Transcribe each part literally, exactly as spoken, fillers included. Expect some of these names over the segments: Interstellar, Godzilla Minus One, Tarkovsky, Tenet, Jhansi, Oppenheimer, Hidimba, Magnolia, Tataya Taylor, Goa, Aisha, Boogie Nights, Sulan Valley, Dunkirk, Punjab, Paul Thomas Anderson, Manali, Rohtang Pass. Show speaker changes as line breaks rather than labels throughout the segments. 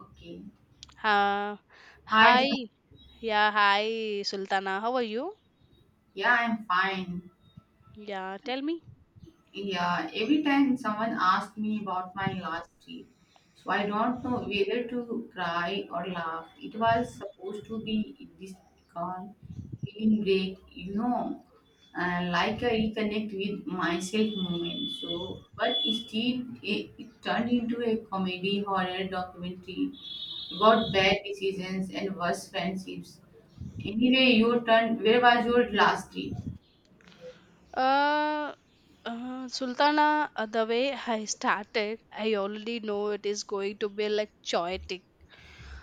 Okay.
Uh,
Hi.
hi.
Jai.
Yeah, hi, Sultana. How are you?
Yeah, I'm fine.
Yeah, tell me.
Yeah, every time someone asks me about my last trip, so I don't know whether to cry or laugh. It was supposed to be this calm, feeling great, you know, uh, like a reconnect with myself moment. So, but instead, it, it turned into a comedy horror documentary about bad decisions and worse friendships. Anyway, your turn. Where was your last trip?
Uh, uh, Sultana, uh, the way I started, I already know it is going to be like chaotic.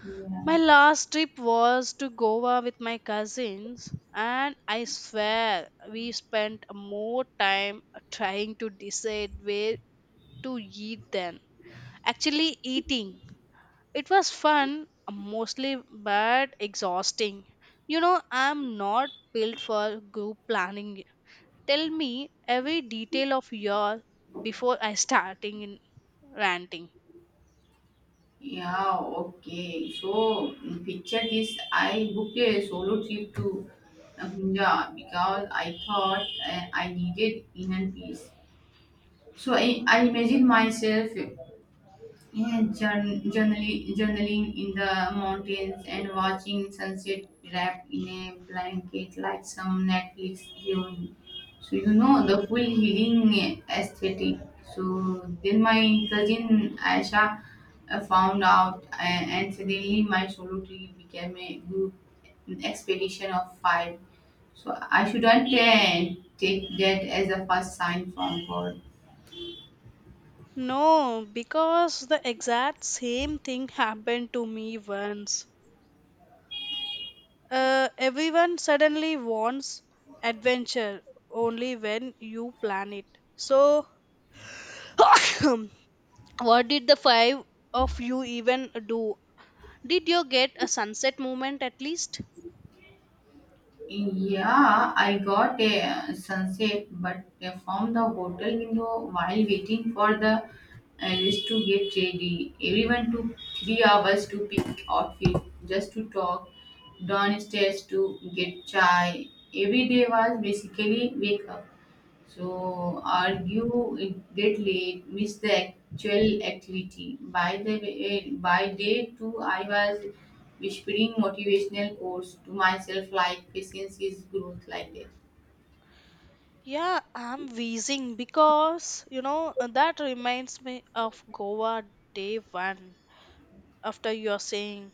Yeah.
My last trip was to Goa with my cousins, and I swear we spent more time trying to decide where to eat than actually eating. It was fun, mostly, but exhausting. You know, I'm not built for group planning. Tell me every detail of your before I starting in ranting.
Yeah, okay. So mm, picture this. I booked a solo trip to uh, Punjab because I thought uh, I needed inner peace. So I, I imagined myself yeah, journ- journaling, journaling in the mountains and watching sunset wrapped in a blanket like some Netflix heroine. So you know the full healing aesthetic. So then my cousin Aisha uh, found out, a- and suddenly my solo trip became a group expedition of five. So I shouldn't uh, take that as a first sign from God.
No, because the exact same thing happened to me once. Uh, everyone suddenly wants adventure only when you plan it. So, what did the five of you even do? Did you get a sunset moment at least?
Yeah, I got a sunset, but from the hotel window while waiting for the uh, list to get ready. Everyone took three hours to pick outfit, just to talk, downstairs to get chai. Every day was basically wake up. So argue it get late, miss the actual activity. By the way, by day two, I was whispering motivational quotes to myself like patience is growth like that.
Yeah, I'm wheezing because you know that reminds me of Goa day one. After you're saying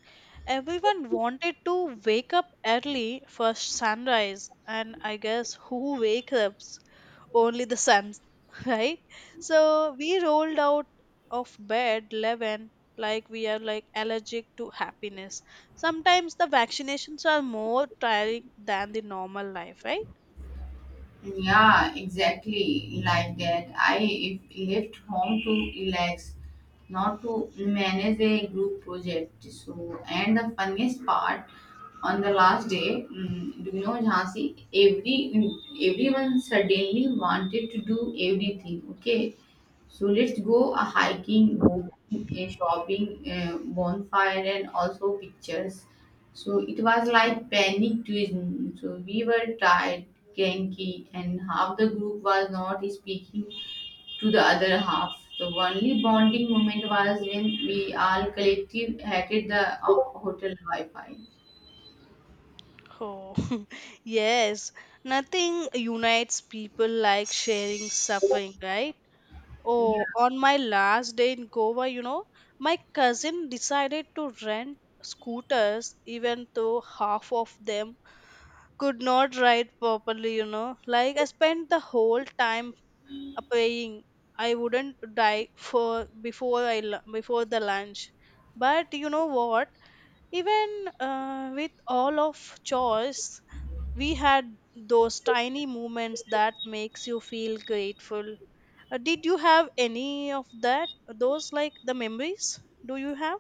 everyone wanted to wake up early for sunrise, and I guess who wakes up? Only the sun. Right. So we rolled out of bed eleven, like we are like allergic to happiness. Sometimes the vaccinations are more tiring than the normal life, right?
Yeah, exactly like that. I if left home to relax, not to manage a group project. So, and the funniest part on the last day, mm, do you know Jhansi? Every everyone suddenly wanted to do everything. Okay, so let's go a hiking, boating, a shopping, a bonfire, and also pictures. So it was like panic tourism. So we were tired, cranky, and half the group was not speaking to the other half. The only bonding moment was when we all collective hated the uh, hotel Wi-Fi.
Oh, yes, nothing unites people like sharing suffering, right? Oh, on my last day in Goa, you know, my cousin decided to rent scooters even though half of them could not ride properly, you know. Like I spent the whole time uh, paying. I wouldn't die for before I lu- before the lunch. But you know what? Even uh, with all of choice, we had those tiny moments that makes you feel grateful. Uh, did you have any of that? Those like the memories? Do you have?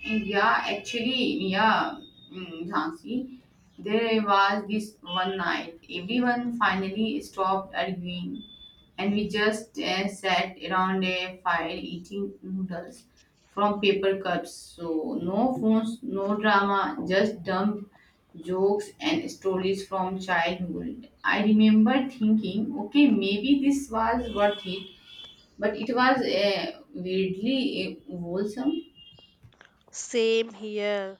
Yeah, actually, yeah, mm, Jhansi, there was this one night. Everyone finally stopped arguing, and we just uh, sat around a fire eating noodles from paper cups. So no phones, no drama, just dumb jokes and stories from childhood. I remember thinking, okay, maybe this was worth it, but it was uh, weirdly uh, wholesome.
Same here.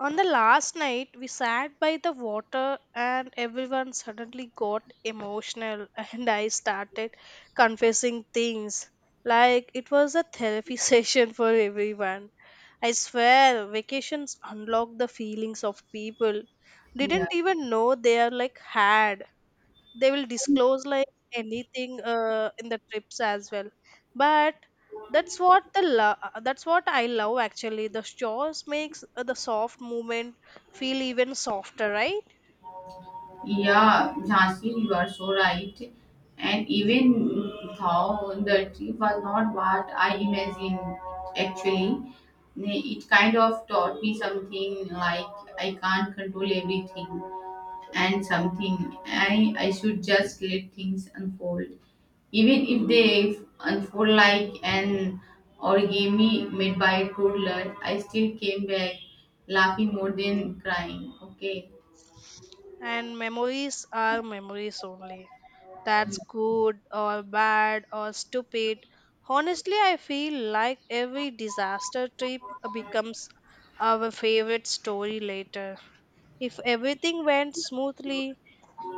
On the last night, we sat by the water and everyone suddenly got emotional, and I started confessing things like it was a therapy session for everyone. I swear, vacations unlock the feelings of people.
Yeah.
Didn't even know they are like had. They will disclose like anything uh, in the trips as well. But that's what the lo- uh, that's what I love. Actually the shores makes uh, the soft movement feel even softer, right?
Yeah, Jhansi, you are so right. And even though the trip was not what I imagined, actually, it kind of taught me something like I can't control everything and something I, I should just let things unfold. Even if they unfold like an origami made by a toddler, I still came back laughing more than crying. Okay.
And memories are memories only, that's good or bad or stupid. Honestly, I feel like every disaster trip becomes our favorite story later. If everything went smoothly,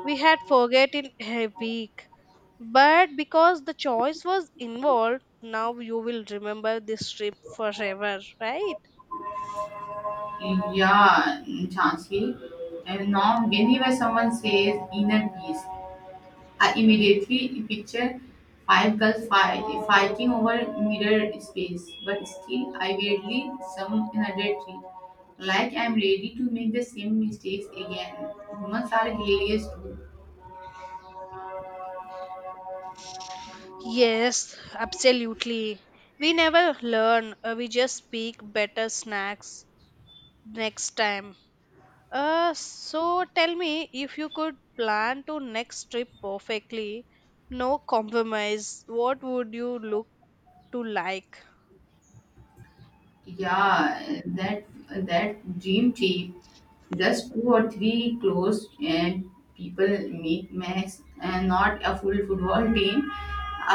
we had forgotten a week. But because the choice was involved, now you will remember this trip forever, right?
Yeah, Chansey. And now, whenever someone says inner peace, I immediately picture five girls fight, fighting over mirror space. But still, I weirdly some another tree. Like I'm ready to make the same mistakes again. Humans are hilarious too.
Yes, absolutely. We never learn, uh, we just pick better snacks next time. Uh, so tell me if you could plan to next trip perfectly, no compromise, what would you look to like?
Yeah, that that dream team, just two or three close and people meet max, and not a full football team.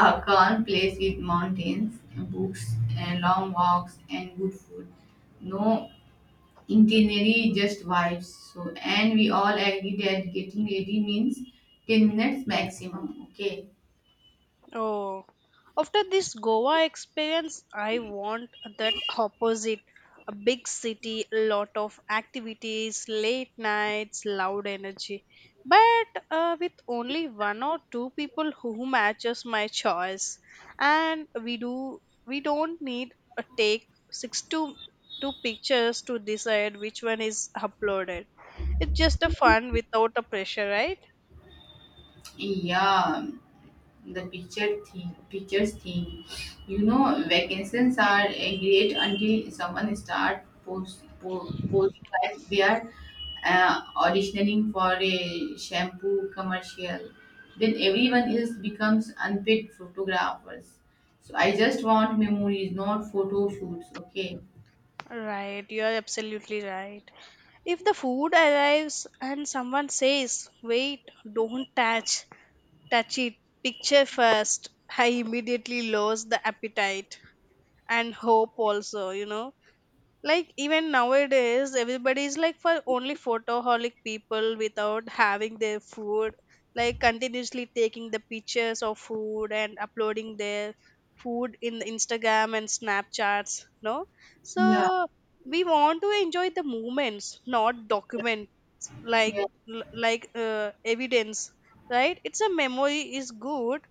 A calm place with mountains, books, and long walks, and good food. No itinerary, just vibes. So, and we all agree that getting ready means ten minutes maximum. Okay.
Oh, after this Goa experience, I want that opposite. A big city, a lot of activities, late nights, loud energy. But uh, with only one or two people who matches my choice, and we do we don't need a take six to two pictures to decide which one is uploaded. It's just a fun without a pressure, right?
Yeah, the picture thing pictures thing, you know, vacations are uh, great until someone start post, po- posing like they are uh, auditioning for a shampoo commercial. Then everyone else becomes unpaid photographers. So I just want memories, not photo shoots. Okay.
Right, you are absolutely right. If the food arrives and someone says, wait, don't touch, touch it, picture first," I immediately lose the appetite and hope also, you know. Like even nowadays, everybody is like for only photoholic people without having their food, like continuously taking the pictures of food and uploading their food in the Instagram and Snapchats, no?
Yeah.
So we want to enjoy the moments, not document like like uh, evidence, right? It's a memory is good,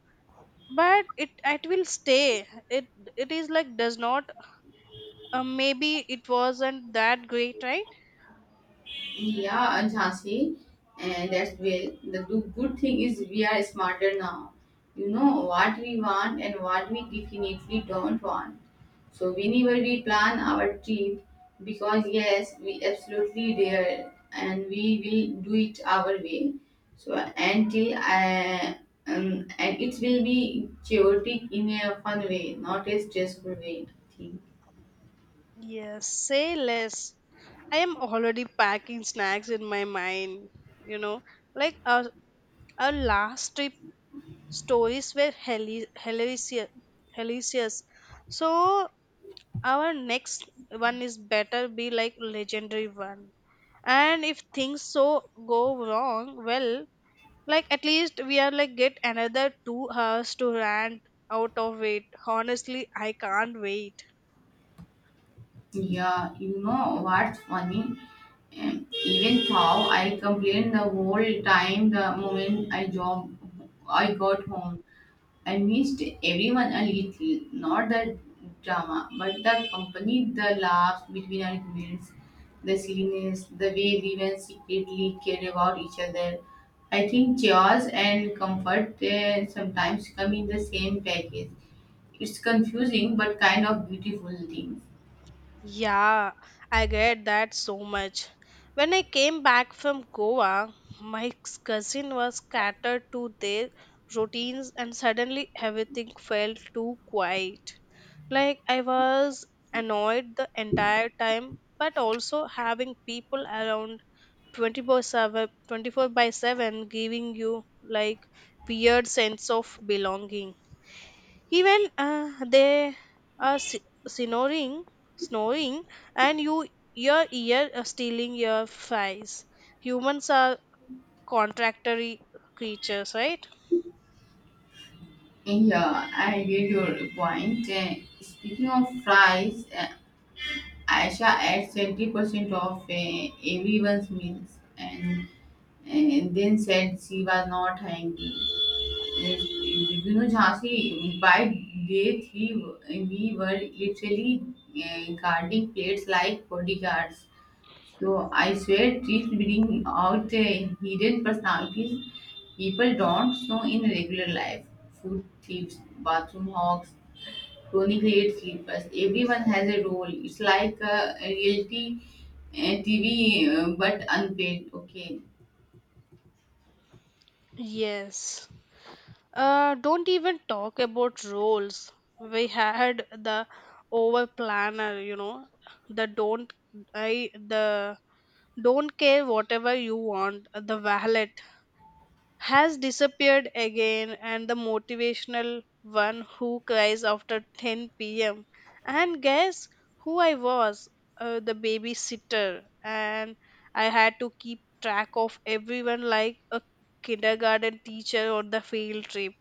but it it will stay. It it is like does not uh, maybe it wasn't that great, right?
Yeah, and Jhansi, and that's where the do- good thing is we are smarter now. You know what we want and what we definitely don't want. So whenever we plan our trip, because yes, we absolutely dare and we will do it our way. So until I, um, and it will be chaotic in a fun way, not a stressful way. I think.
Yes, say less. I am already packing snacks in my mind, you know. Like our, our last trip stories were heli- hilarious, hilarious. So our next one is better be like legendary one. And if things so go wrong, well, like at least we are like get another two hours to rant out of it. Honestly, I can't wait.
Yeah, you know what's funny? Even though I complained the whole time, the moment I job I got home. I missed everyone a little, not the drama, but the company, the laughs between our meals, the silliness, the way we were secretly care about each other. I think chaos and comfort uh, sometimes come in the same package. It's confusing but kind of beautiful thing.
Yeah, I get that so much. When I came back from Goa, my cousin was catered to their routines, and suddenly everything felt too quiet. Like I was annoyed the entire time, but also having people around twenty-four seven, twenty-four by seven giving you like weird sense of belonging, even uh, they are s- snoring snoring and you your ear uh, stealing your face. Humans are contractory creatures, right?
Yeah, I get your point. Uh, speaking of fries, uh, Aisha adds seventy percent of uh, everyone's meals, and, and then said she was not hungry. Yes. You know, Jhansi, by day three, we were literally uh, guarding plates like bodyguards. So I swear, treats bring out uh, hidden personalities people don't know in regular life. Food thieves, bathroom hogs, chronic late sleepers. Everyone has a role. It's like a reality uh, T V, uh, but unpaid. Okay.
Yes, uh, don't even talk about roles. We had the over planner, you know the don't I the don't care whatever you want, the valet has disappeared again, and the motivational one who cries after ten p m And guess who I was? Uh, the babysitter. And I had to keep track of everyone like a kindergarten teacher on the field trip.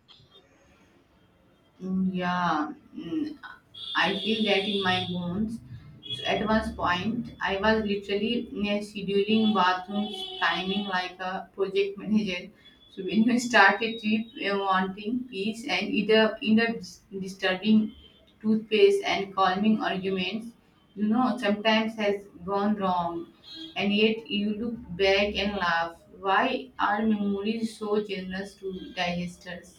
Mm, Yeah, mm, I feel that in my bones. So at one point, I was literally mm, scheduling bathrooms, timing like a project manager. So when you start a trip uh, wanting peace and either end up dis- disturbing toothpaste and calming arguments, you know, sometimes has gone wrong. And yet you look back and laugh. Why are memories so generous to digesters?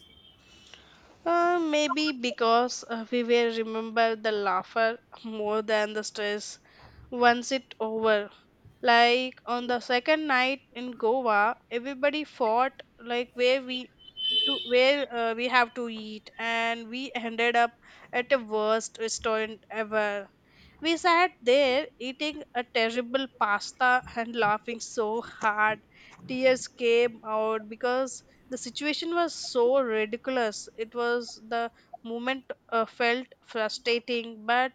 Uh, maybe because uh, we will remember the laughter more than the stress once it over. Like on the second night in Goa, everybody fought like where we to where uh, we have to eat, and we ended up at the worst restaurant ever. We sat there eating a terrible pasta and laughing so hard tears came out because the situation was so ridiculous. It was the moment uh, felt frustrating but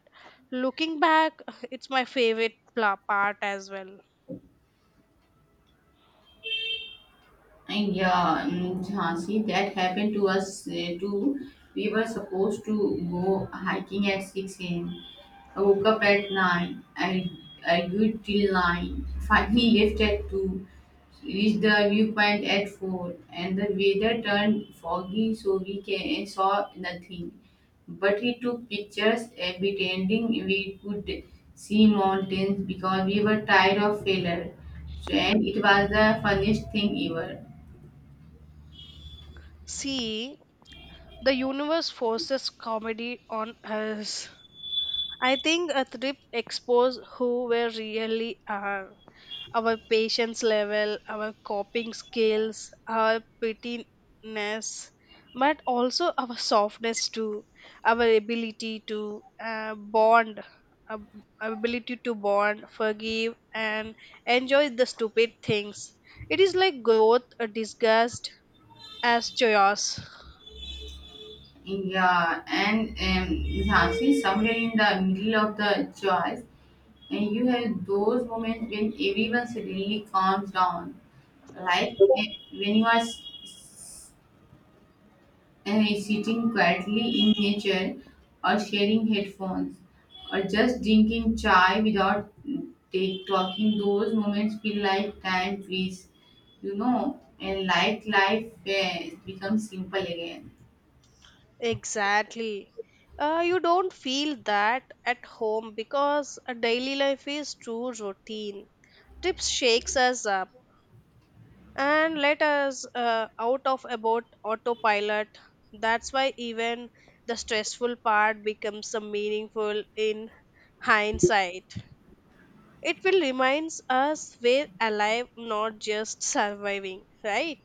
looking back it's my favorite pla- part as well.
And yeah, mm, Jhansi, that happened to us uh, too. We were supposed to go hiking at six a m, woke up at nine. I argued till nine. Finally left at two. Reached the viewpoint at four. And the weather turned foggy so we can, saw nothing. But he took pictures uh, pretending we could see mountains because we were tired of failure. So, and it was the funniest thing ever.
See, the universe forces comedy on us. I think a trip exposed who were really are, our patience level, our coping skills, our pettiness, but also our softness too, our ability to uh, bond, uh, ability to bond, forgive, and enjoy the stupid things. It is like growth uh, disguised as chaos.
Yeah, and um, Jhansi, somewhere in the middle of the choice, and you have those moments when everyone suddenly calms down, like uh, when you are s- uh, sitting quietly in nature, or sharing headphones, or just drinking chai without mm, take, talking. Those moments feel like time freeze, you know, and like life uh, becomes simple again.
Exactly. Uh, you don't feel that at home because a daily life is too routine. Trips shakes us up and let us uh, out of about autopilot. That's why even the stressful part becomes so meaningful in hindsight. It will reminds us we're alive, not just surviving, right?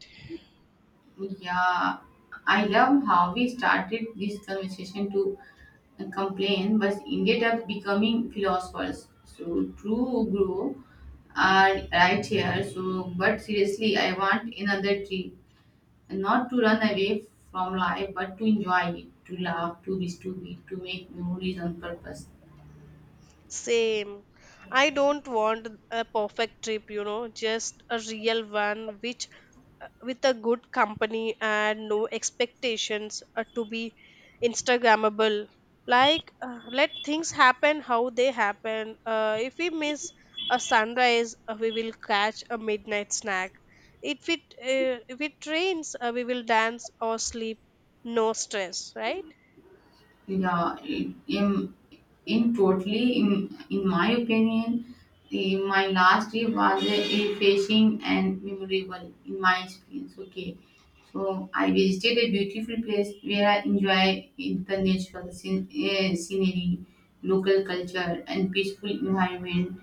Yeah, I love how we started this conversation to complain, but ended up becoming philosophers. So true, grow are right here. So, but seriously, I want another tree, not to run away from life, but to enjoy it, to laugh, to be stupid, to make memories on purpose.
Same. I don't want a perfect trip, you know, just a real one which uh, with a good company and no expectations uh, to be instagrammable. Like uh, let things happen how they happen. Uh, if we miss a sunrise, uh, we will catch a midnight snack. If it uh, if it rains, uh, we will dance or sleep. No stress, right?
Yeah, I- in, in totally, in, in my opinion, the, my last trip was a refreshing and memorable in my experience. Okay, so I visited a beautiful place where I enjoy in the natural scen- eh, scenery, local culture, and peaceful environment.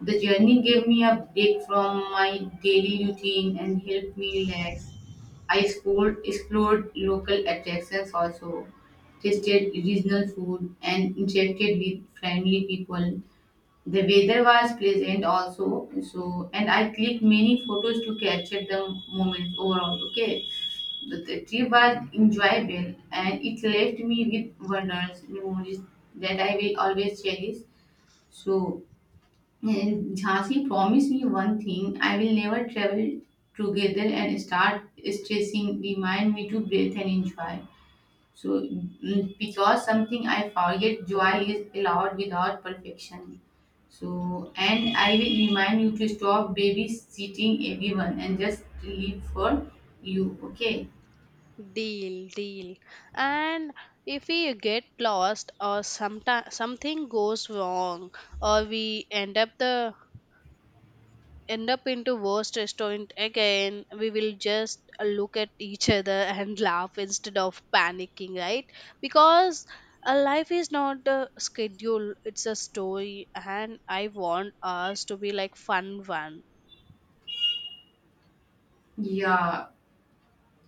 The journey gave me a break from my daily routine and helped me relax. I explored, explored local attractions also, tasted regional food, and interacted with friendly people. The weather was pleasant also, so and I clicked many photos to capture the moment overall. Okay, the, the trip was enjoyable and it left me with wonders, memories that I will always cherish. So and Jhansi promised me one thing I will never travel together and start stressing, remind me to breathe and enjoy. So, mm, because something I forget, joy is allowed without perfection. So, and I will remind you to stop babysitting everyone and just live for you, okay?
Deal, deal. And if we get lost or sometime something goes wrong or we end up the end up into worst restaurant again, we will just look at each other and laugh instead of panicking, right? Because a life is not a schedule, it's a story and I want us to be like fun one.
Yeah.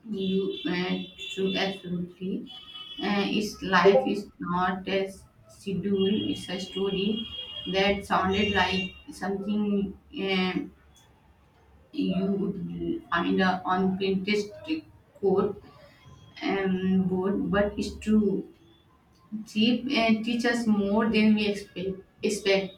You uh, true, absolutely. Uh, its life is not a s- schedule; it's a story that sounded like something uh, you would find uh, on Pinterest quote um, board, but it's true. Jeep uh, teach us more than we expect, expect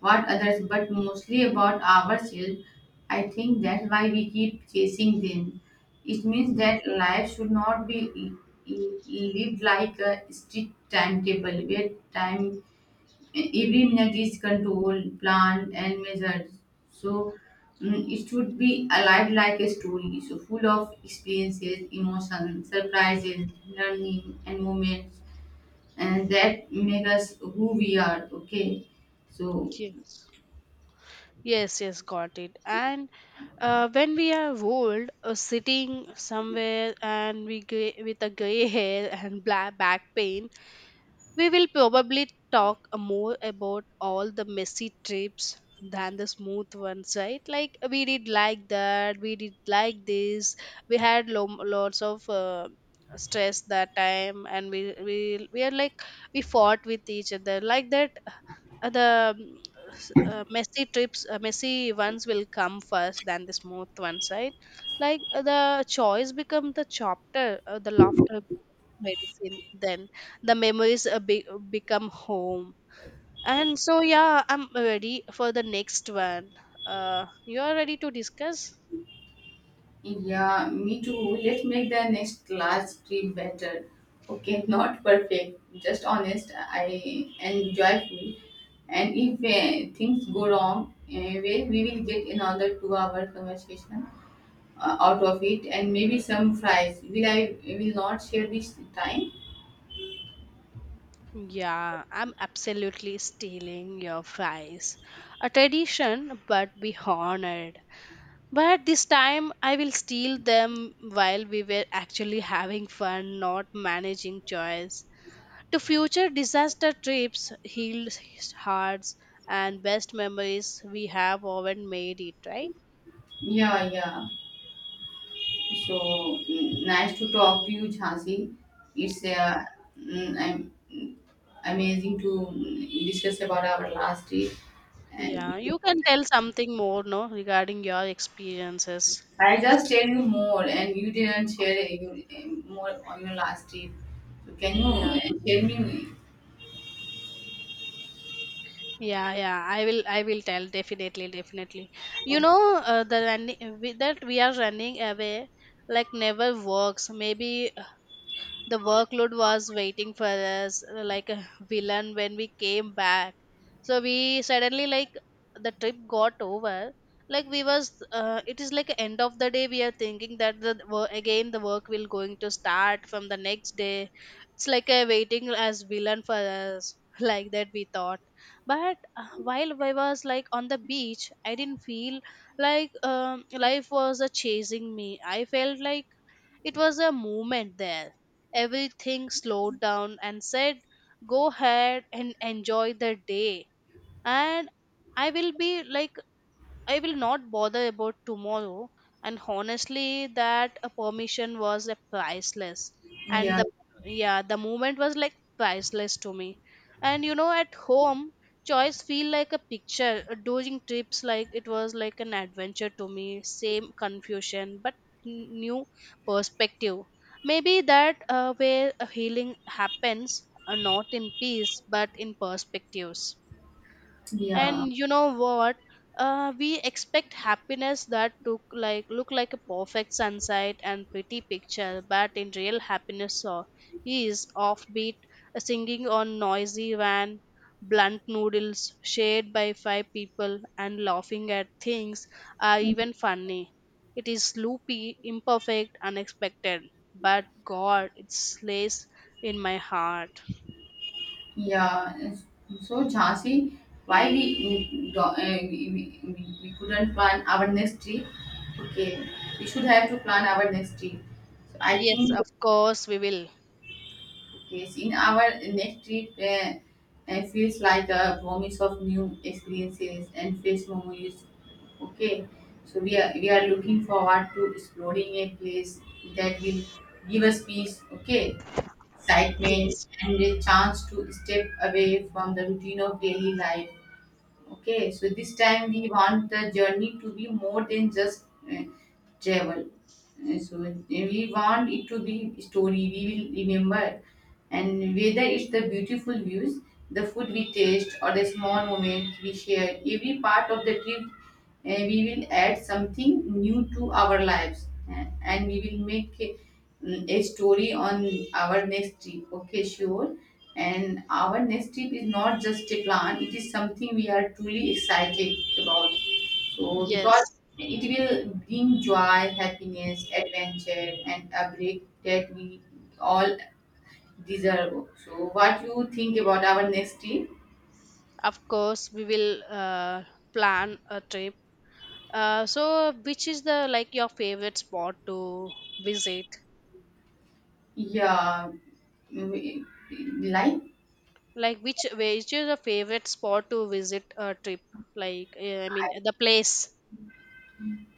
what others, but mostly about ourselves. I think that's why we keep chasing them. It means that life should not be l- l- lived like a strict timetable where time every minute is controlled, planned, and measured. So mm, it should be alive like a story, so full of experiences, emotions, surprises, learning, and moments and that make us who we are. Okay. So
Yes. Yes, yes, got it. And Uh, when we are old, uh, sitting somewhere and we gray, with a gray hair and black back pain, we will probably talk more about all the messy trips than the smooth ones, right? Like we did like that, we did like this. We had lo- lots of uh, stress that time, and we we we are like we fought with each other like that. uh, The mm, s- uh, messy trips, uh, messy ones will come first than the smooth ones, right? Like uh, the choice become the chapter, uh, the laughter become medicine then the memories uh, be- become home. And so yeah, I'm ready for the next one. Uh you are ready to discuss?
yeah, me too. Let's make the next class trip better. Okay. Not perfect, just honest, I and joyful. And if uh, things go wrong anyway, we will get another two hour conversation uh, out of it, and maybe some fries will I will not share this time.
Yeah, I'm absolutely stealing your fries. A tradition, but be honored. But this time I will steal them while we were actually having fun, not managing choice. To future disaster trips, healed hearts, and best memories we have often made it, right?
Yeah, yeah. So mm, nice to talk to you, Jhansi. It's uh, mm, am- mm, amazing to mm, discuss about our last trip, and
Yeah,
we-
you can tell something more, no, regarding your experiences.
I just tell you more, and you didn't share uh, your, um, more on your last trip. So can you
Yeah.
uh, tell me?
Yeah, yeah, I will, I will tell definitely, definitely. You
Okay.
know, uh, the running that we are running away like never works. Maybe the workload was waiting for us uh, like a villain when we came back, so we suddenly like the trip got over, like we was uh, it is like end of the day we are thinking that the wo- again the work will going to start from the next day. It's like a waiting as villain for us like that we thought. But uh, while I was like on the beach I didn't feel like um, life was uh, chasing me. I felt like it was a moment there. Everything slowed down and said, Go ahead and enjoy the day. And I will be like I will not bother about tomorrow. And honestly, that uh, permission was a priceless. And
Yeah,
the yeah, the moment was like priceless to me. And you know, at home, choice feel like a picture. Uh, During trips, like it was like an adventure to me. Same confusion, but n- new perspective. Maybe that uh, where uh, healing happens, uh, not in peace, but in perspectives. And
yeah.
you know what, uh, we expect happiness that took like look like a perfect sunset and pretty picture, but in real happiness so is offbeat, a singing on noisy van, blunt noodles shared by five people and laughing at things are even funny. It is loopy, imperfect, unexpected, but god it slays in my heart.
Yeah. It's- So Jhansi, why we we, do- uh, we, we we couldn't plan our next trip? Okay, we should have to plan our next trip. So I
Yes,
think
of course we will.
okay, so in our next trip, uh, it feels like a promise of new experiences and fresh memories. Okay, so we are we are looking forward to exploring a place that will give us peace. Okay, excitement,
Yes,
and a chance to step away from the routine of daily life. Okay, so this time we want the journey to be more than just uh, travel. Uh, so uh, we want it to be story we will remember, and whether it's the beautiful views, the food we taste, or the small moments we share, every part of the trip uh, we will add something new to our lives, uh, and we will make uh, a story on our next trip. Okay, sure. And our next trip is not just a plan, it is something we are truly excited about. So, because
yes.
it will bring joy, happiness, adventure, and a break that we all deserve. So, what you think about our next trip?
Of course, we will uh, plan a trip. Uh, so, which is the like your favorite spot to visit?
Yeah, we- like
Like, which which is your favorite spot to visit a trip? Like, uh, I mean,
I,
the place.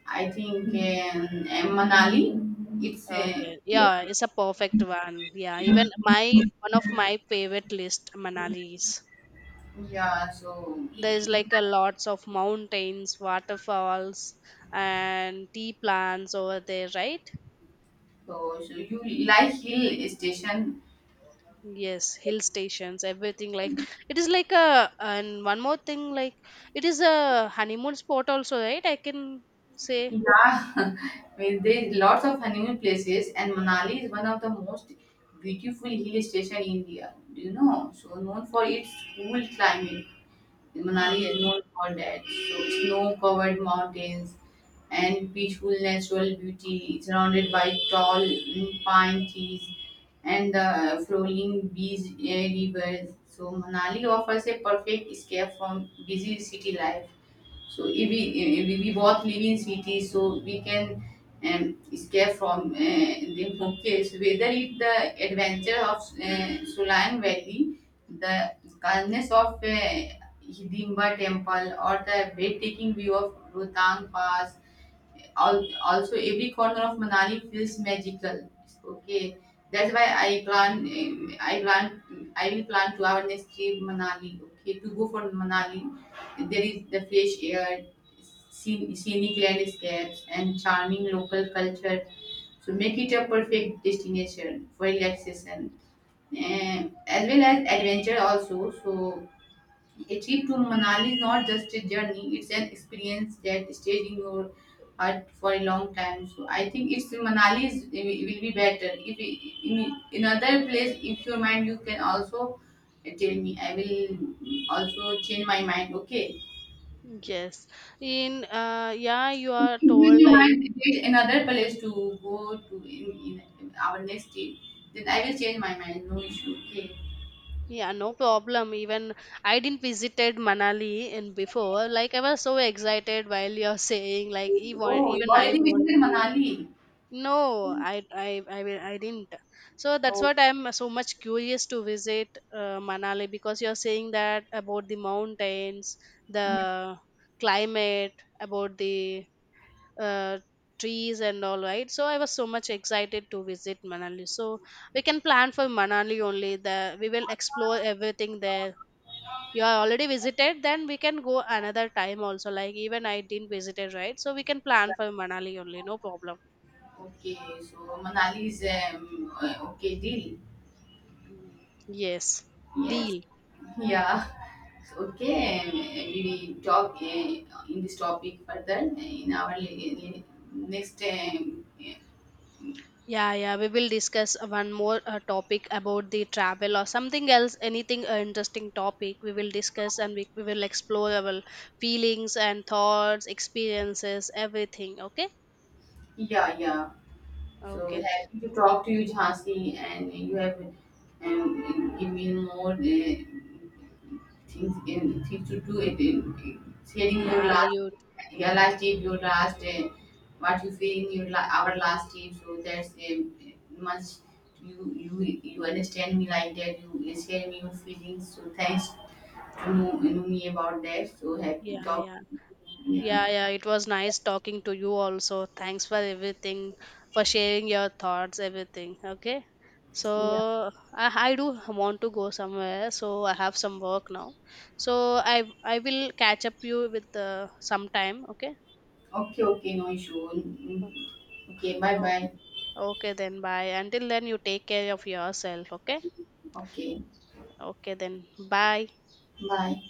I think um, uh, Manali, it's uh,
Okay,
yeah,
yeah, it's a perfect one. Yeah, even my one of my favorite list Manali is.
yeah, so
There is
you
like a lots of mountains, waterfalls, and tea plants over there, right?
so, so you like hill station.
Yes, hill stations, everything like it is like a and one more thing like it is a honeymoon spot also, right? I can say
Yeah, I mean, there's lots of honeymoon places, and Manali is one of the most beautiful hill station in India. Do you know? So known for its cool climate. Manali is
yes.
known for that. So snow-covered mountains and peaceful natural beauty, surrounded by tall mm, pine trees and the flowing beach eh, rivers. So Manali offers a perfect escape from busy city life. So if we if we we both live in cities, so we can um, escape from uh, the focus. Whether it's the adventure of uh, Sulan Valley, the calmness of uh, Hidimba temple, or the breathtaking view of Rohtang Pass. Al- Also, every corner of Manali feels magical. Okay, that's why I plan. Um, I plan. I will plan to our next trip Manali. Okay, to go for Manali, there is the fresh air, scen- scenic landscapes, and charming local culture. So make it a perfect destination for relaxation, and as well as adventure also. So a trip to Manali is not just a journey, it's an experience that stays in your heart for a long time. So I think it's Manali is, will be better. If i- in another place, if your mind, you can also tell me. I will also change my mind. Okay.
Yes. In uh yeah, you are told
When you
like
mind there is another place to go to in, in our next trip, then I will change my mind. No issue. Okay.
yeah, no problem. Even I didn't visited Manali in before. Like I was so excited while you're saying like even
Oh, you
even I
already
want.
visited Manali.
No, I I I will I didn't. So that's
Oh.
what I'm so much curious to visit uh, Manali because you're saying that about the mountains, the climate, about the uh, trees and all right. So I was so much excited to visit Manali. So we can plan for Manali only. The We will explore everything there. You are already visited, then we can go another time also. Like even I didn't visited, right? So we can plan for Manali only, no problem.
Okay, so Manali's um, uh, okay deal.
Yes,
Yes,
deal.
yeah. So, okay, um, we will talk uh, in this topic further uh, in our li- li- next. Um,
Yeah, yeah, we will discuss uh, one more uh, topic about the travel or something else, anything uh, interesting topic we will discuss, and we, we will explore our feelings and thoughts, experiences, everything. Okay,
yeah, yeah. So
okay.
happy to talk to you, Jhansi, and you have um, give me more uh, things in things to do. It in sharing your
Yeah,
last,
you.
your last tip, your last uh, what you feel in your la- our last tip. So that's um, much you you you understand me like that. You share me your feelings. So thanks to know, know me about that. So happy
Yeah,
talk.
yeah.
Yeah.
Yeah, yeah, it was nice talking to you also. Thanks for everything, for sharing your thoughts, everything. Okay.
Yeah.
So I, I do want to go somewhere, so I have some work now. So I I will catch up you with uh, sometime, okay?
Okay. Okay. No issue. Mm, Okay. Bye.
Oh,
Bye.
okay then bye. Until then you take care of yourself, okay?
Okay.
Okay then bye.
Bye.